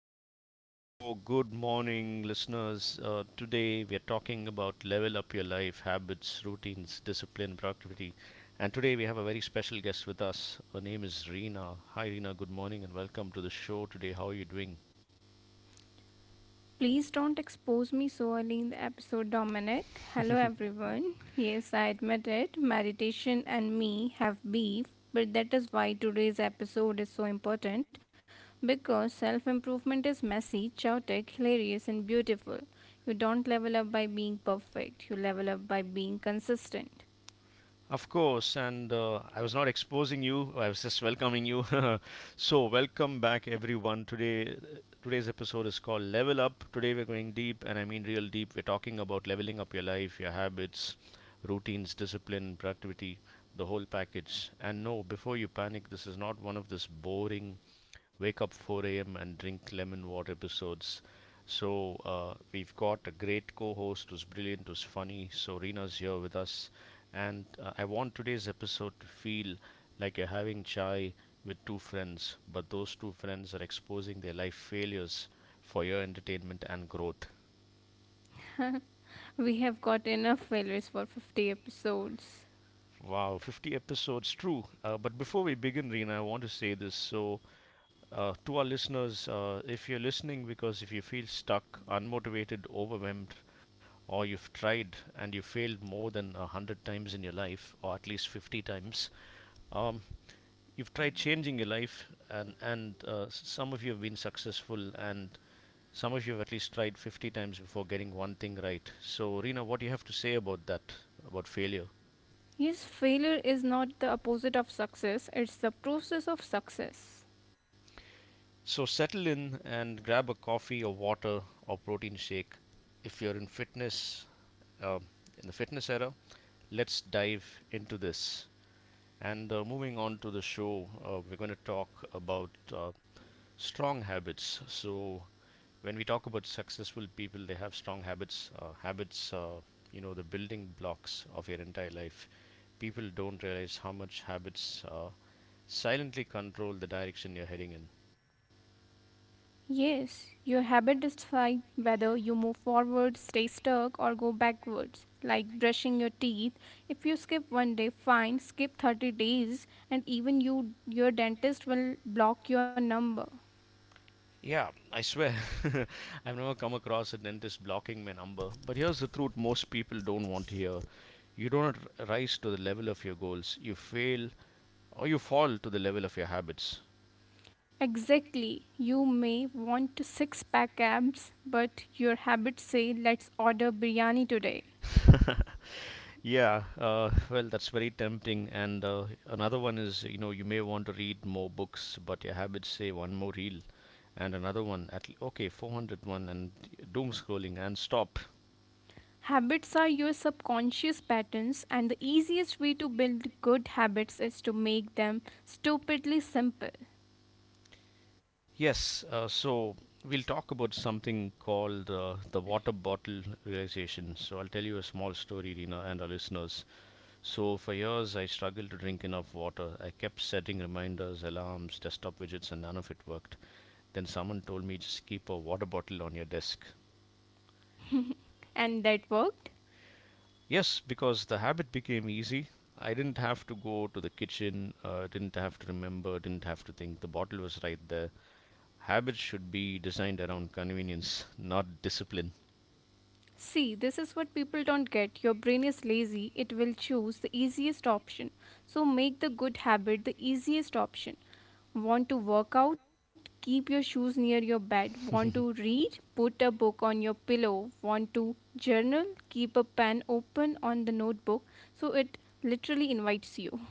welcome to the show. Good morning, listeners. Today we are talking about level up your life, habits, routines, discipline, productivity. And today we have a very special guest with us. Her name is Reena. Hi Reena, good morning and welcome to the show today. How are you doing? Please don't expose me so early in the episode, Dominic. Hello, everyone. Yes, I admit it. Meditation and me have beef, but that is why today's episode is so important because self improvement is messy, chaotic, hilarious, and beautiful. You don't level up by being perfect, you level up by being consistent. Of course, and I was not exposing you. I was just welcoming you. So, welcome back, everyone. Today's episode is called Level Up. Today, we're going deep, and I mean real deep. We're talking about leveling up your life, your habits, routines, discipline, productivity, the whole package. And no, before you panic, this is not one of those boring wake up 4 a.m. and drink lemon water episodes. So we've got a great co-host who's brilliant, who's funny. So Rina's here with us, and I want today's episode to feel like you're having chai with two friends, but those two friends are exposing their life failures for your entertainment and growth. We have got enough failures for 50 episodes. Wow, 50 episodes, true. But before we begin, Reena, I want to say this. To our listeners, if you're listening, because if you feel stuck, unmotivated, overwhelmed, or you've tried and you failed more than a hundred times in your life, or at least 50 times, um, you've tried changing your life, and some of you have been successful, and some of you have at least tried 50 times before getting one thing right. So, Reena, what do you have to say about that, about failure? Yes, failure is not the opposite of success, it's the process of success. So, settle in and grab a coffee or water or protein shake if you're in fitness uh, in the fitness era. Let's dive into this. And moving on to the show, we're going to talk about strong habits. So when we talk about successful people, they have strong habits. Habits, the building blocks of your entire life. People don't realize how much habits silently control the direction you're heading in. Yes, your habit decide whether you move forward, stay stuck, or go backwards. Like brushing your teeth, if you skip one day, fine, skip 30 days, and even you your dentist will block your number. Yeah, I swear, I've never come across a dentist blocking my number. But here's the truth most people don't want to hear. You don't rise to the level of your goals. You fail or you fall to the level of your habits. Exactly. You may want six pack abs, but your habits say let's order biryani today. Yeah, well, that's very tempting. And another one is, you know, you may want to read more books, but your habits say one more reel and another one at okay, 401 and doom scrolling and stop. Habits are your subconscious patterns, and the easiest way to build good habits is to make them stupidly simple. Yes, so we'll talk about something called the water bottle realization. So I'll tell you a small story, Rina, and our listeners. So for years I struggled to drink enough water. I kept setting reminders, alarms, desktop widgets, and none of it worked. Then someone told me just keep a water bottle on your desk. And that worked? Yes, because the habit became easy. I didn't have to go to the kitchen, didn't have to remember, didn't have to think. The bottle was right there. Habits should be designed around convenience, not discipline. See, this is what people don't get. Your brain is lazy, it will choose the easiest option. So make the good habit the easiest option. Want to work out? Keep your shoes near your bed. Want to read? Put a book on your pillow. Want to journal? Keep a pen open on the notebook so it literally invites you.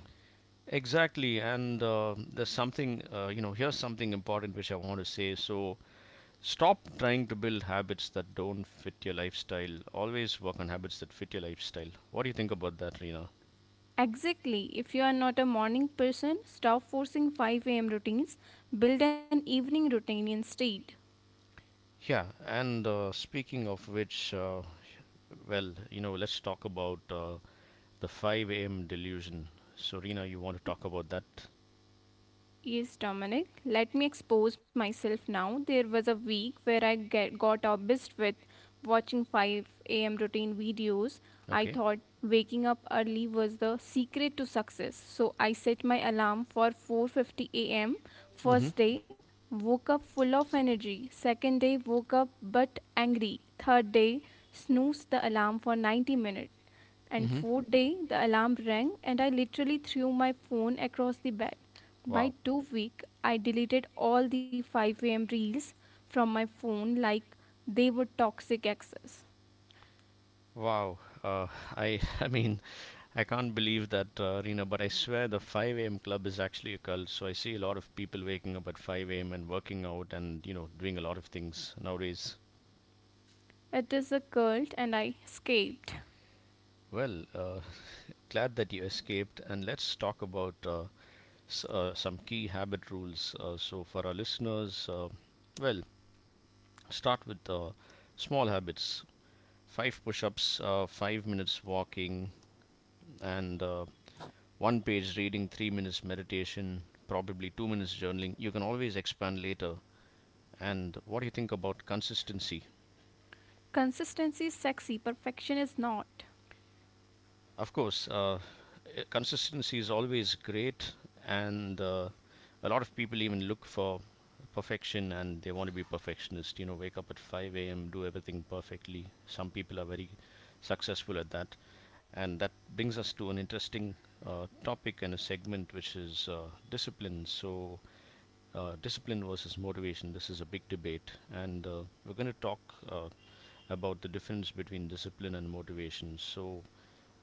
Exactly, and there's something, you know, here's something important which I want to say. So, stop trying to build habits that don't fit your lifestyle. Always work on habits that fit your lifestyle. What do you think about that, Rina? Exactly. If you are not a morning person, stop forcing 5 a.m. routines. Build an evening routine instead. Yeah, and speaking of which, well, you know, let's talk about the 5 a.m. delusion. So, Rina, you want to talk about that? Yes, Dominic. Let me expose myself now. There was a week where I got obsessed with watching 5 a.m. routine videos. I Okay. thought waking up early was the secret to success. So I set my alarm for 4:50 a.m. Mm-hmm. First day, woke up full of energy. Second day, woke up but angry. Third day, snoozed the alarm for 90 minutes. And Mm-hmm. fourth day, the alarm rang and I literally threw my phone across the bed. By Wow. 2 week, I deleted all the 5 a.m. reels from my phone like they were toxic exes. Wow. I I mean, I can't believe that, Rina, but I swear the 5 a.m. club is actually a cult. So I see a lot of people waking up at 5 a.m. and working out and, you know, doing a lot of things nowadays. It is a cult and I escaped. Well, glad that you escaped. And let's talk about some key habit rules. So for our listeners, well, start with small habits. Five push-ups, 5 minutes walking, and one page reading, 3 minutes meditation, probably 2 minutes journaling. You can always expand later. And what do you think about consistency? Consistency is sexy, perfection is not. Of course, consistency is always great, and a lot of people even look for perfection and they want to be perfectionist. You know, wake up at 5 a.m., do everything perfectly. Some people are very successful at that. And that brings us to an interesting topic and a segment which is discipline. So, discipline versus motivation. This is a big debate, and we're going to talk uh, about the difference between discipline and motivation. So,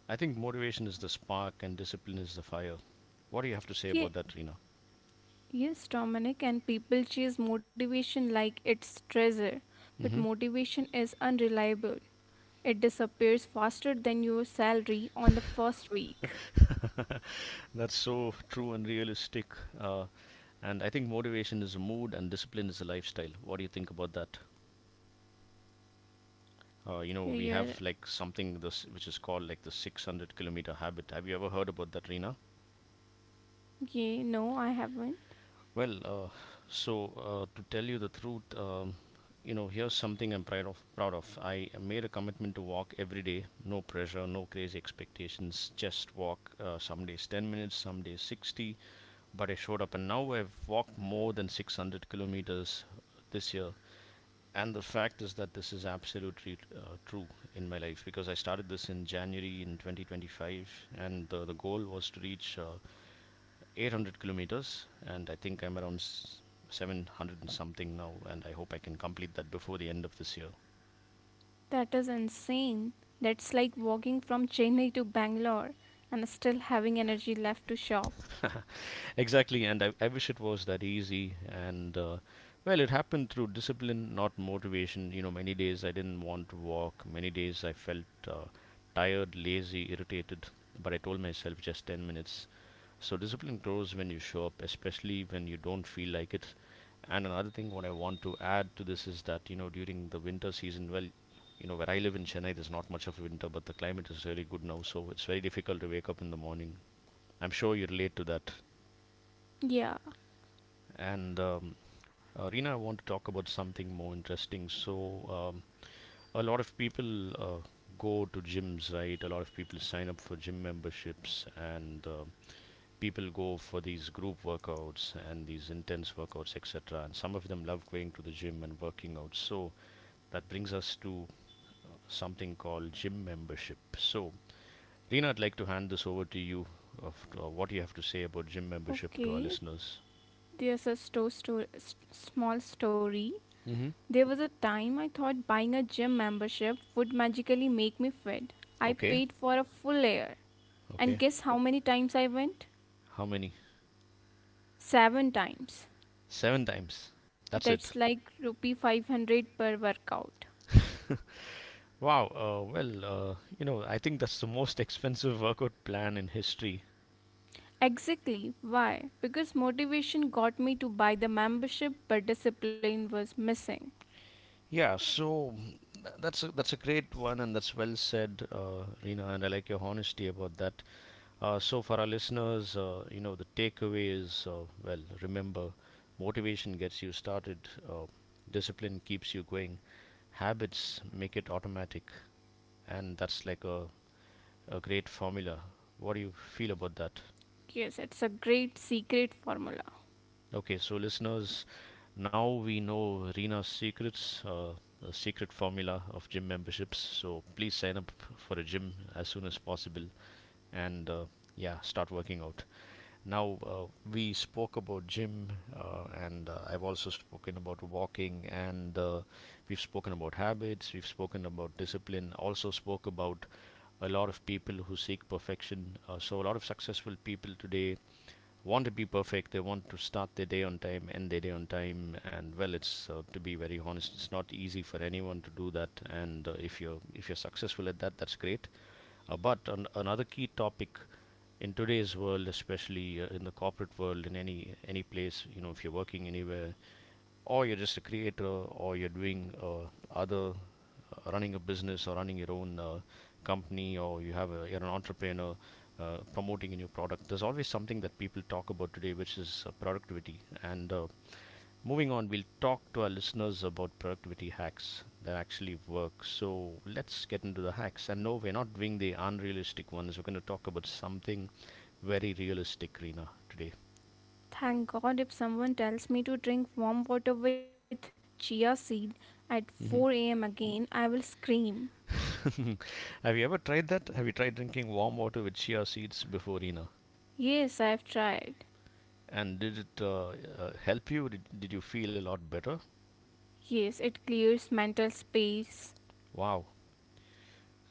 I think motivation is the spark and discipline is the fire. What do you have to say about Ye- that, Rina? yes, Dominic, and people chase motivation like it's treasure, but Hmm. motivation is unreliable. It disappears faster than your salary on the first week. That's so true and realistic. Uh, and I think motivation is a mood and discipline is a lifestyle. What do you think about that? You know, we Yeah, have like something this which is called like the 600-kilometer habit. Have you ever heard about that, Reena? yeah, no, I haven't. Well, so to tell you the truth, you know, here's something I'm proud of. I made a commitment to walk every day. No pressure, no crazy expectations. Just walk. Some days 10 minutes, some days 60. But I showed up, and now I've walked more than 600 kilometers this year. And the fact is that this is absolutely true in my life because I started this in January in 2025, and the goal was to reach 800 kilometers, and I think I'm around 700 and something now, and I hope I can complete that before the end of this year. That is insane. That's like walking from Chennai to Bangalore and still having energy left to shop. Exactly, and I wish it was that easy. And well, it happened through discipline, not motivation. You know, many days I didn't want to walk, many days I felt tired, lazy, irritated, but I told myself just 10 minutes. So discipline grows when you show up, especially when you don't feel like it. And another thing, what I want to add to this is that, you know, during the winter season, well, you know, where I live in Chennai, there's not much of winter, but the climate is really good now, so it's very difficult to wake up in the morning. I'm sure you relate to that. Yeah, And Rina, I want to talk about something more interesting. So, um, a lot of people go to gyms, right? A lot of people sign up for gym memberships, and people go for these group workouts and these intense workouts, etc. And some of them love going to the gym and working out. So that brings us to something called gym membership. So, Reena, I'd like to hand this over to you of what you have to say about gym membership to our okay. listeners. There's a small story. Mm-hmm. There was a time I thought buying a gym membership would magically make me fit. I Okay, paid for a full year. And okay. guess how many times I went? How many? Seven times. Seven times. That's That's it. like rupee 500 per workout. Wow. You know, I think that's the most expensive workout plan in history. Exactly. Why? Because motivation got me to buy the membership, but discipline was missing. Yeah, so that's that's a great one, and that's well said, Rina. And I like your honesty about that. So for our listeners, you know, the takeaway is well, remember, motivation gets you started, discipline keeps you going, habits make it automatic, and that's like a great formula. What do you feel about that? Yes, it's a great secret formula. Okay, so listeners, now we know Rena's secrets, the secret formula of gym memberships. So please sign up for a gym as soon as possible, and yeah, start working out. Now, we spoke about gym and I've also spoken about walking, and we've spoken about habits, we've spoken about discipline, also spoke about a lot of people who seek perfection. So, a lot of successful people today want to be perfect. They want to start their day on time, end their day on time, and well, it's to be very honest, it's not easy for anyone to do that. And if you're successful at that, that's great. But another key topic in today's world, especially in the corporate world, in any place, you know, if you're working anywhere, or you're just a creator, or you're doing other running a business or running your own company, or you have you're an entrepreneur promoting a new product, there's always something that people talk about today, which is productivity. And moving on, we'll talk to our listeners about productivity hacks that actually work. So let's get into the hacks, and no, we're not doing the unrealistic ones. We're going to talk about something very realistic, Reena, today. Thank God if someone tells me to drink warm water with chia seed at 4 Mm-hmm. am again, I will scream. Have you ever tried that? Have you tried drinking warm water with chia seeds before dinner? Yes, I've tried. And did it help you? Did you feel a lot better? Yes, it clears mental space. Wow.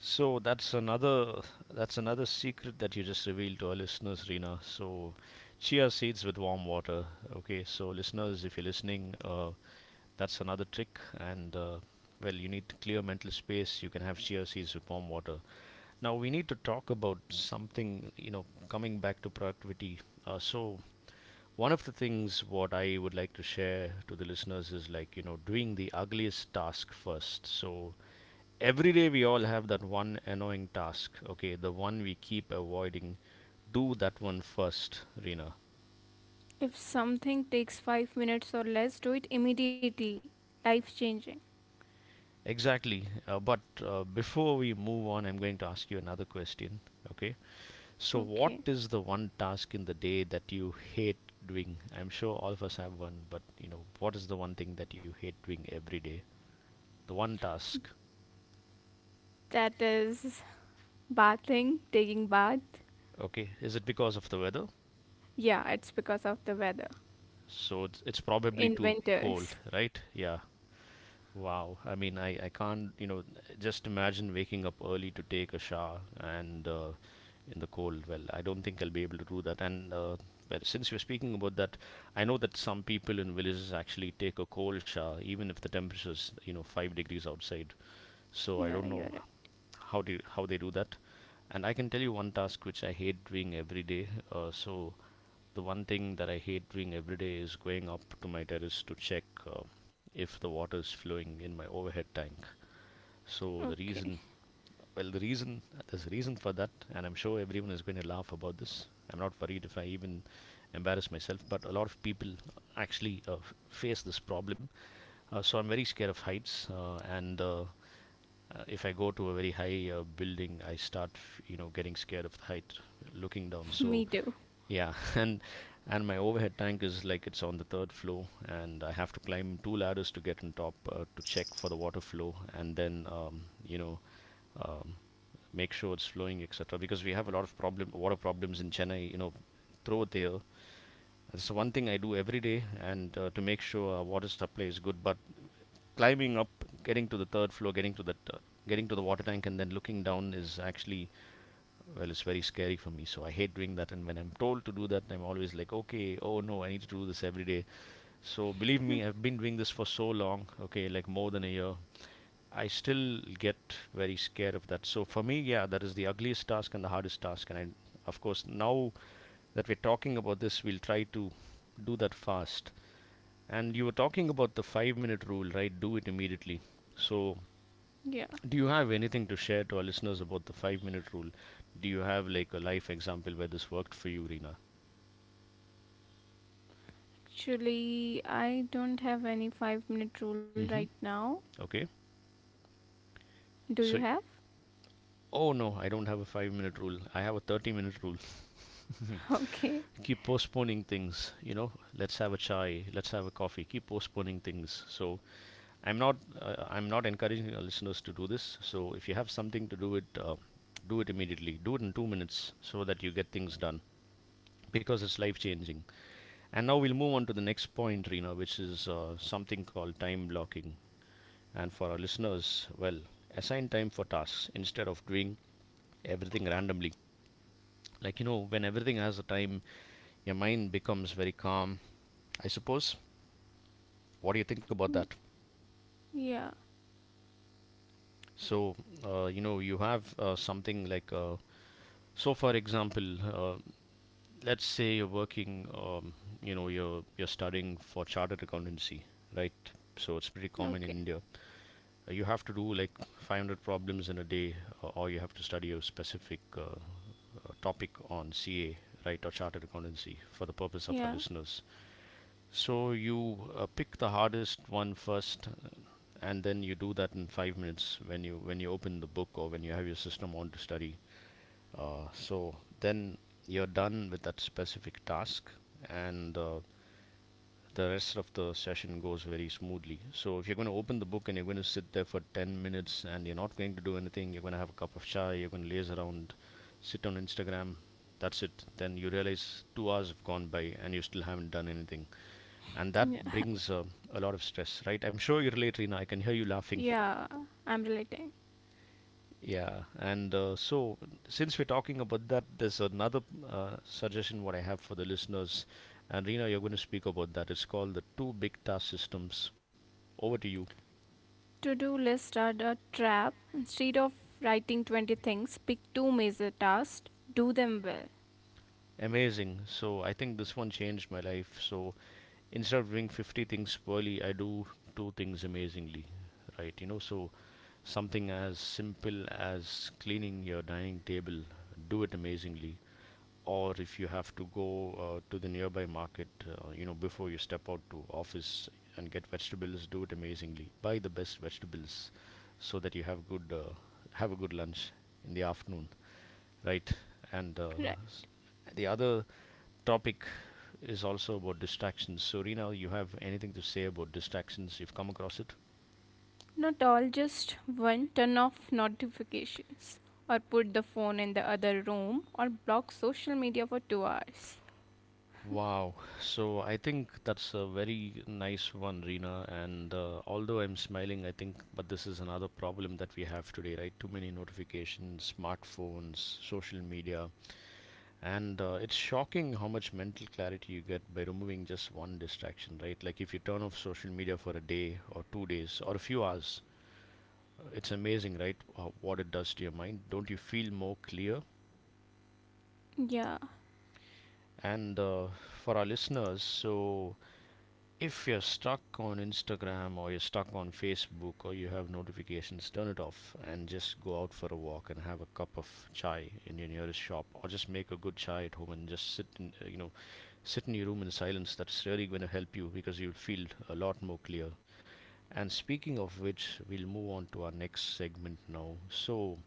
So that's another secret that you just revealed to our listeners, Rina. So chia seeds with warm water. Okay, so listeners, if you're listening, that's another trick. And well, you need clear mental space. You can have chia seeds with warm water. Now we need to talk about something. You know, coming back to productivity. So one of the things what I would like to share to the listeners is like, you know, doing the ugliest task first. So every day we all have that one annoying task. Okay, the one we keep avoiding. Do that one first, Rina. If something takes 5 minutes or less, do it immediately. Life changing. Exactly. But before we move on, I'm going to ask you another question. Okay. So what Okay. is the one task in the day that you hate doing? I'm sure all of us have one, but you know what is the one thing that you hate doing every day? The one task. That is bathing, taking bath. Okay, is it because of the weather? Yeah, it's because of the weather So it's probably in too cold, winters. right? Yeah. Wow. I mean, I can't, you know, just imagine waking up early to take a shower and in the cold. Well, I don't think I'll be able to do that. And well, since you're speaking about that, I know that some people in villages actually take a cold shower even if the temperature is, you know, 5 degrees outside. So I Yeah, don't you're know right. How they do that. And I can tell you one task which I hate doing every day. So the one thing that I hate doing every day is going up to my terrace to check if the water is flowing in my overhead tank. So the Okay, reason, well, the reason there's a reason for that, and I'm sure everyone is going to laugh about this. I'm not worried if I even embarrass myself, but a lot of people actually face this problem. So I'm very scared of heights, and if I go to a very high building, I start, you know, getting scared of the height, looking down. me So too. yeah, and my overhead tank is like it's on the third floor, and I have to climb two ladders to get on top to check for the water flow, and then um, make sure it's flowing, etc. Because we have a lot of problem water problems in Chennai. You know, throughout the year. That's one thing I do every day, and to make sure our water supply is good. But climbing up, getting to the third floor, getting to the water tank, and then looking down is actually, well, it's very scary for me. So I hate doing that, and when I'm told to do that, I'm always like, okay, oh no, I need to do this every day. So believe me, I've been doing this for so long, okay, like more than a year. I still get very scared of that. So for me, yeah, that is the ugliest task and the hardest task. And I, of course, now that we're talking about this, we'll try to do that fast. And you were talking about the 5-minute rule, right? Do it immediately. So Yeah, do you have anything to share to our listeners about the 5 minute rule? Do you have like a life example where this worked for you, Reena? actually, I don't have any 5 minute rule right Mm-hmm. now. Okay. Do So, you have? oh no, I don't have a 5 minute rule. I have a 30-minute rule. Okay. Keep postponing things. You know, let's have a chai, let's have a coffee. Keep postponing things. So, I'm not encouraging our listeners to do this. So, if you have something to do it immediately. Do it in 2 minutes so that you get things done because it's life changing. And now we'll move on to the next point, Reena, which is something called time blocking. And for our listeners, well, assign time for tasks instead of doing everything randomly. Like, you know, when everything has a time, your mind becomes very calm, I suppose. What do you think about that? Yeah, So, you know, you have something like, so for example, let's say you're working, you know, you're studying for chartered accountancy, right? So it's pretty common okay. in India. You have to do like 500 problems in a day, or you have to study a specific topic on CA, right, or chartered accountancy for the purpose of our Yeah, listeners. So you pick the hardest one first, and then you do that in 5 minutes when you open the book or when you have your system on to study. So then you're done with that specific task, and the rest of the session goes very smoothly. So if you're going to open the book and you're going to sit there for 10 minutes and you're not going to do anything, you're going to have a cup of chai, you're going to laze around, sit on Instagram, that's it. Then you realize 2 hours have gone by and you still haven't done anything. And that yeah, brings a lot of stress, right? I'm sure you relate, Reena. I can hear you laughing. yeah, I'm relating. Yeah. And since we're talking about that, there's another suggestion what I have for the listeners. And Rina, you're going to speak about that. It's called the two big task systems. Over to you. To do list are the trap. Instead of writing 20 things, pick two major tasks, do them well. Amazing. So I think this one changed my life. So instead of doing 50 things poorly, I do two things amazingly, right? You know, so something as simple as cleaning your dining table, do it amazingly. Or if you have to go to the nearby market, you know, before you step out to office and get vegetables, do it amazingly. Buy the best vegetables so that you have a good lunch in the afternoon, right? And the other topic is also about distractions. So, Rina, you have anything to say about distractions? You've come across it? Not all, just one. Turn off notifications, or put the phone in the other room, or block social media for 2 hours. Wow. So, I think that's a very nice one, Rina. And although I'm smiling, I think, but this is another problem that we have today, right? Too many notifications, smartphones, social media. And It's shocking how much mental clarity you get by removing just one distraction, right? Like if you turn off social media for a day or 2 days or a few hours, it's amazing, right? What it does to your mind. Don't you feel more clear? Yeah, And For our listeners, so if you're stuck on Instagram or you're stuck on Facebook or you have notifications, turn it off and just go out for a walk and have a cup of chai in your nearest shop or just make a good chai at home and just sit in your room in silence. That's really going to help you because you'll feel a lot more clear. And speaking of which, we'll move on to our next segment now. So,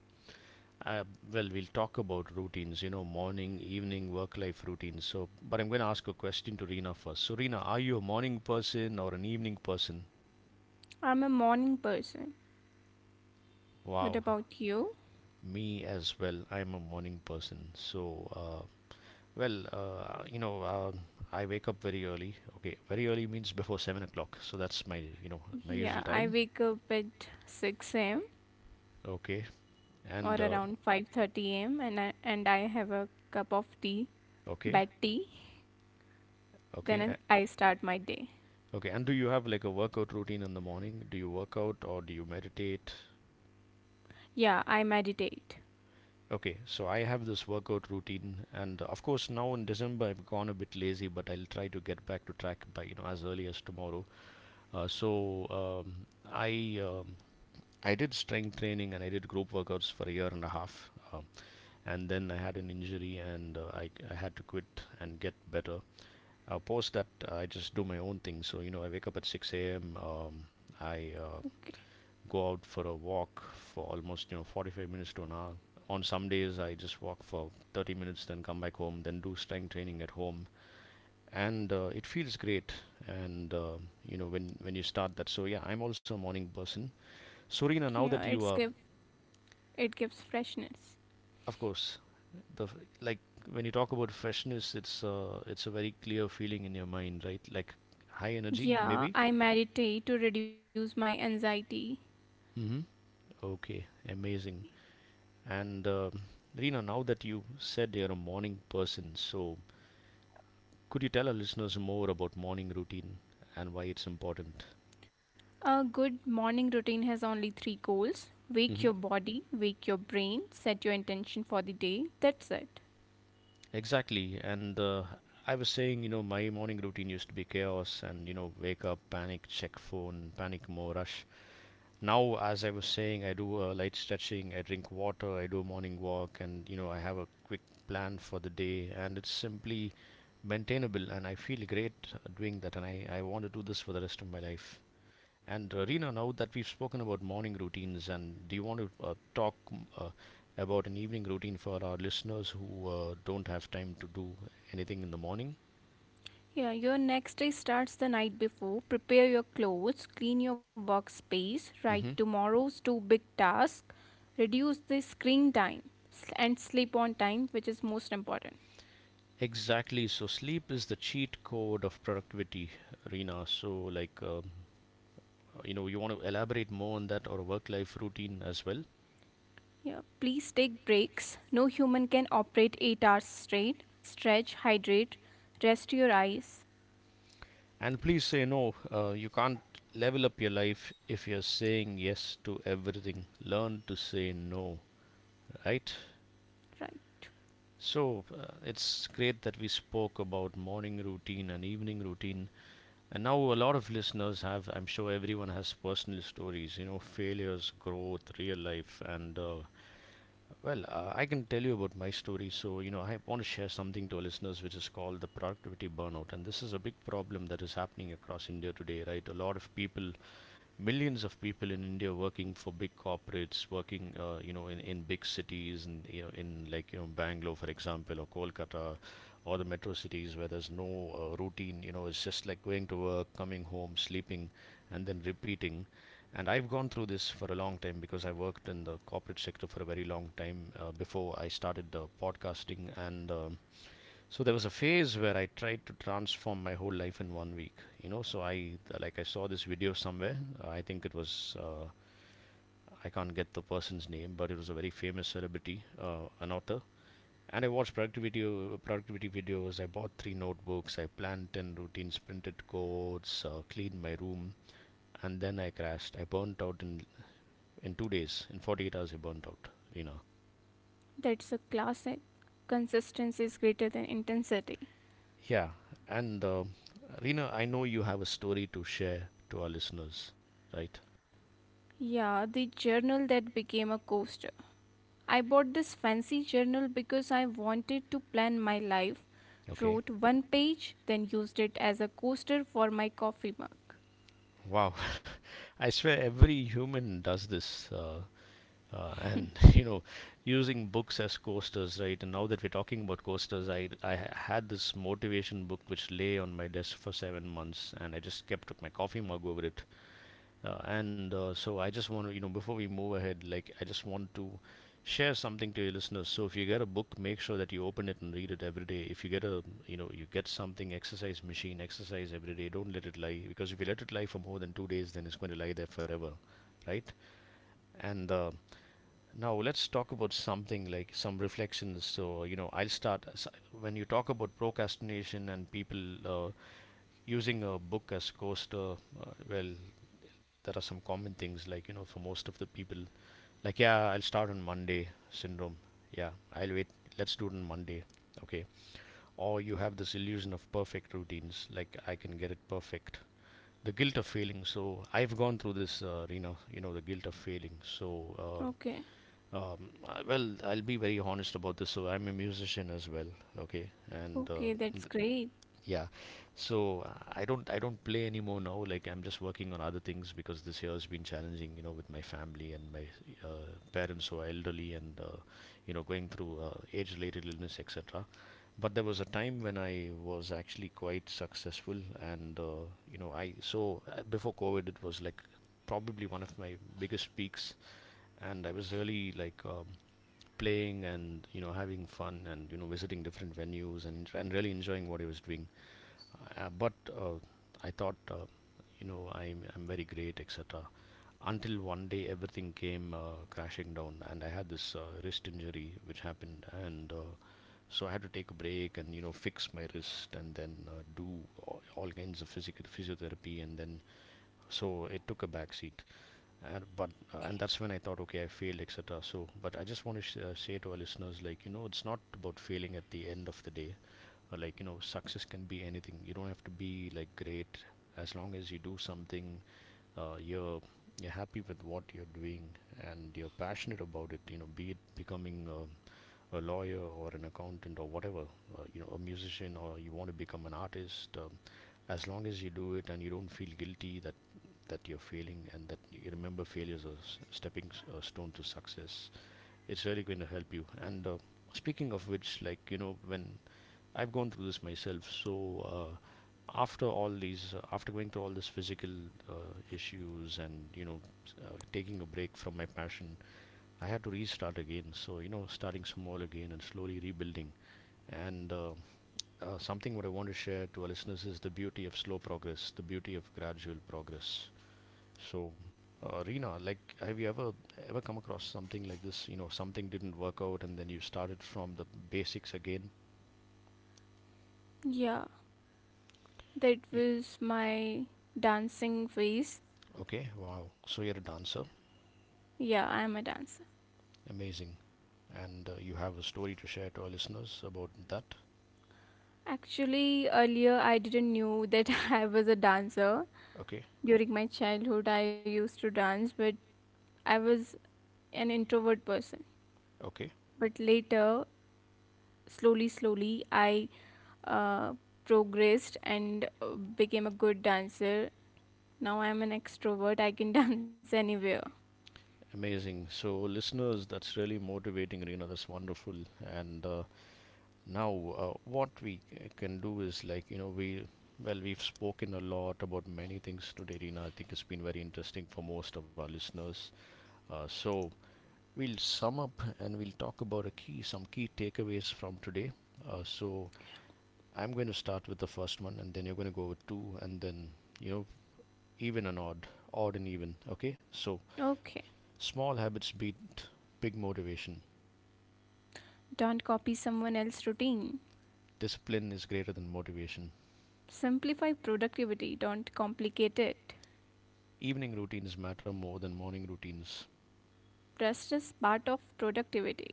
uh, well, we'll talk about routines, you know, morning, evening, work life routines. So, but I'm going to ask a question to Reena first. So, Reena, are you a morning person or an evening person? I'm a morning person. What Wow, about you? me as well. I'm a morning person. So, well, I wake up very early. Okay, very early means before 7 o'clock. So that's my usual Yeah, I time. wake up at 6 a.m. Okay. or And around 5:30 a.m. and I have a cup of tea, okay. bad tea. Okay, Then I start my day. okay. And do you have like a workout routine in the morning? Do you work out or do you meditate? Yeah, I meditate. Okay, so I have this workout routine, and of course now in December I've gone a bit lazy, but I'll try to get back to track by, you know, as early as tomorrow. So um, I um, I did strength training and I did group workouts for a year and a half, and then I had an injury, and I had to quit and get better. Post that I just do my own thing. So, you know, I wake up at 6 a.m. I uh, Okay. go out for a walk for almost, you know, 45 minutes to an hour. On some days I just walk for 30 minutes, then come back home, then do strength training at home. And it feels great. And you know, when you start that, so yeah, I'm also a morning person, sorina, Yeah, now it's that give you are, it gives freshness. of course, the, like when you talk about freshness, it's a very clear feeling in your mind, right? Like high energy, Yeah, maybe. I meditate to reduce my anxiety. Mm-hmm. Okay, amazing. And Rina, now that you said you're a morning person, could you tell our listeners more about morning routine and why it's important? A good morning routine has only three goals: wake hmm your body, wake your brain, set your intention for the day. That's it. Exactly. And I was saying, you know, my morning routine used to be chaos and, you know, wake up, panic, check phone, panic more, rush. Now, as I was saying, I do light stretching, I drink water, I do a morning walk, and, you know, I have a quick plan for the day. And it's simply maintainable, and I feel great doing that. And I want to do this for the rest of my life. And Rina, now that we've spoken about morning routines, and do you want to talk about an evening routine for our listeners who don't have time to do anything in the morning? Yeah, your next day starts the night before. Prepare your clothes, clean your workspace, write hmm tomorrow's two big tasks, reduce the screen time, and sleep on time, which is most important. Exactly. So sleep is the cheat code of productivity, Rina. So like, you know, you want to elaborate more on that or work-life routine as well. Yeah, please take breaks. No human can operate 8 hours straight. Stretch, hydrate, rest your eyes. And please say no. You can't level up your life if you're saying yes to everything. Learn to say no, right? Right. So it's great that we spoke about morning routine and evening routine. And now a lot of listeners have, I'm sure everyone has personal stories, you know, failures, growth, real life. I can tell you about my story. So, you know, I want to share something to our listeners which is called the productivity burnout. And this is a big problem that is happening across India today, right? A lot of people, millions of people in India working for big corporates, working you know in big cities, and you know in like you know Bangalore, for example, or Kolkata, or the metro cities where there's no routine. You know, it's just like going to work, coming home, sleeping, and then repeating. And I've gone through this for a long time because I worked in the corporate sector for a very long time before I started podcasting. And. So there was a phase where I tried to transform my whole life in 1 week. You know, I saw this video somewhere. I think it was I can't get the person's name, but it was a very famous celebrity, an author. And I watched productivity videos. I bought three notebooks. I planned ten routines, printed codes, cleaned my room, and then I crashed. I burnt out in 2 days. In 48 hours, I burnt out. That's a classic. Consistency is greater than intensity. Yeah, and Rina, I know you have a story to share to our listeners, right? Yeah, the journal that became a coaster. I bought this fancy journal because I wanted to plan my life, Okay. wrote one page, then used it as a coaster for my coffee mug. Wow. I swear every human does this. You know, using books as coasters, right? And now that we're talking about coasters, I had this motivation book which lay on my desk for 7 months and I just kept my coffee mug over it. And so I just want to, you know, before we move ahead, I just want to share something to your listeners. So if you get a book, make sure that you open it and read it every day. If you get a, you know, you get something exercise machine, exercise every day. Don't let it lie because if you let it lie for more than 2 days, then it's going to lie there forever, right? And now let's talk about something like some reflections. So you know, I'll start when you talk about procrastination and people using a book as coaster. Uh, well, there are some common things like you know for most of the people, like, yeah, I'll start on Monday syndrome. Yeah, I'll wait, let's do it on Monday. Okay. Or you have this illusion of perfect routines, like I can get it perfect. The guilt of failing, so I've gone through this you know the guilt of failing. Uh, Okay, um, well, I'll be very honest about this, so I'm a musician as well. Okay. and okay, that's great. Yeah. So I don't play anymore now. Like I'm just working on other things because this year has been challenging, you know, with my family and my parents, who are elderly and you know going through age-related illness, etc. But there was a time when I was actually quite successful, and you know. I so Before COVID it was like probably one of my biggest peaks, and I was really like playing and you know having fun and you know visiting different venues and really enjoying what I was doing. But I thought, you know, I'm very great, etc. Until one day everything came crashing down, and I had this wrist injury which happened, and so I had to take a break and you know fix my wrist, and then do all kinds of physical physiotherapy, and then so it took a backseat. And that's when I thought, okay, I failed, etc. So, but I just want to say to our listeners, like you know, it's not about failing at the end of the day. Like you know success can be anything, you don't have to be like great, as long as you do something, uh, you're you're happy with what you're doing, and you're passionate about it. You know, be it becoming a lawyer or an accountant or whatever, you know a musician or you want to become an artist. As long as you do it and you don't feel guilty that you're failing, and that you remember failures as a stepping a stone to success, it's really going to help you. And Speaking of which, like you know, when I've gone through this myself. So after all these, after going through all this physical issues, and you know, taking a break from my passion, I had to restart again. So you know, starting small again and slowly rebuilding. And something what I want to share to our listeners is the beauty of slow progress, the beauty of gradual progress. So. Rina, like, have you ever come across something like this? You know, something didn't work out, and then you started from the basics again. Yeah, that You, was my dancing phase. Okay, wow. So you're a dancer. Yeah, I'm a dancer. Amazing. And you have a story to share to our listeners about that. Actually, earlier I didn't knew that I was a dancer. Okay, During my childhood, I used to dance, but I was an introvert person. okay. But later, slowly, slowly, I uh, progressed and became a good dancer. Now I'm an extrovert, I can dance anywhere. Amazing. So, listeners, that's really motivating, Reena. That's wonderful. And now, what we can do is like, you know, we've spoken a lot about many things today, Reena. I think it's been very interesting for most of our listeners. So, we'll sum up and we'll talk about a key, some key takeaways from today. So, I'm going to start with the first one and then you're going to go with two, and then, you know, even and odd, odd and even. Okay? So, Okay, small habits beat big motivation. don't copy someone else's routine. Discipline is greater than motivation. Simplify productivity, don't complicate it. Evening routines matter more than morning routines. Rest is part of productivity.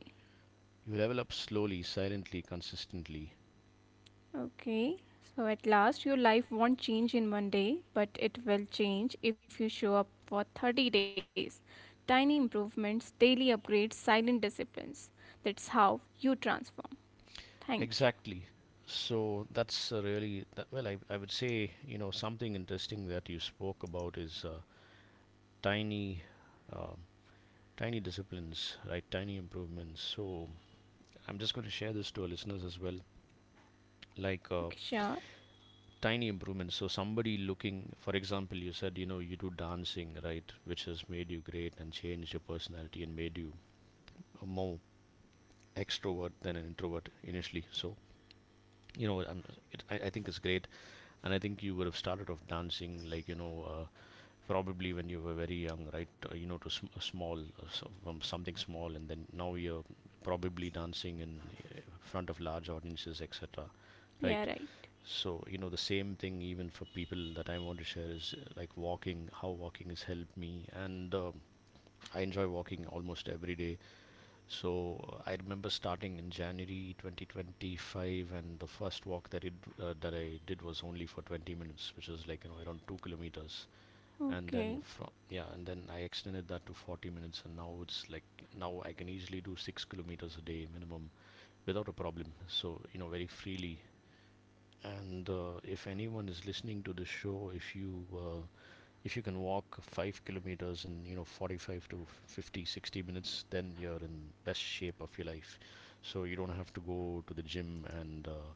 You level up slowly, silently, consistently. Okay, so at last your life won't change in one day, but it will change if you show up for 30 days. Tiny improvements, daily upgrades, silent disciplines. That's how you transform. Thank you. Exactly. So that's a really that, well. I would say you know something interesting that you spoke about is tiny, um tiny disciplines, right? Tiny improvements. So I'm just going to share this to our listeners as well, Okay, like sure. tiny improvements. So somebody looking, for example, you said you know you do dancing, right, which has made you great and changed your personality and made you a more extrovert than an introvert initially. So you know, I think it's great, and I think you would have started off dancing like you know. Probably when you were very young, right? You know, to a small, so from something small, and then now you're probably dancing in front of large audiences, etc. Right. Yeah, right. So you know the same thing even for people that I want to share is like walking, how walking has helped me. And I enjoy walking almost every day. So I remember starting in January 2025, and the first walk that I did was only for 20 minutes, which was like you know around 2 kilometers. and then Okay, from yeah and then I extended that to 40 minutes, and now it's like, now I can easily do 6 kilometers a day minimum, without a problem, so you know, very freely. And If anyone is listening to this show, if you can walk 5 kilometers in you know 45 to 50, 60 minutes, then you're in best shape of your life. So you don't have to go to the gym and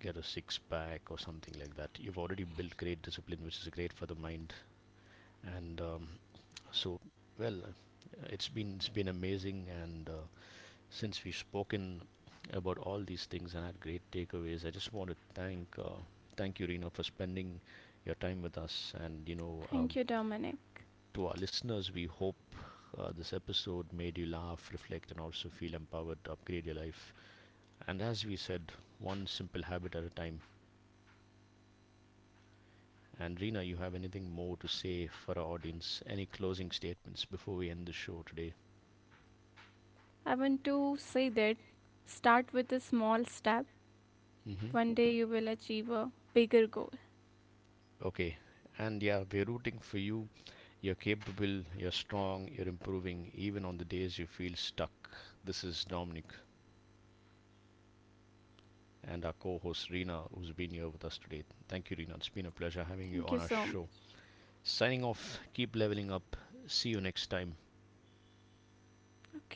get a six pack or something like that. You've already built great discipline, which is great for the mind. And um, so, it's been amazing, and since we've spoken about all these things and had great takeaways, I just want to thank you, Reena, for spending your time with us. And you know, thank you, Dominic. to our listeners, we hope this episode made you laugh, reflect, and also feel empowered to upgrade your life. And as we said, one simple habit at a time. And Reena, you have anything more to say for our audience? Any closing statements before we end the show today? I want to say that start with a small step. Mm-hmm. One day you will achieve a bigger goal. Okay. And yeah, we're rooting for you. You're capable, you're strong, you're improving, even on the days you feel stuck. This is Dominic and our co host Reena, who's been here with us today. Thank you, Reena. It's been a pleasure having you Thank you on our so much. show. Signing off, keep leveling up. See you next time. Okay.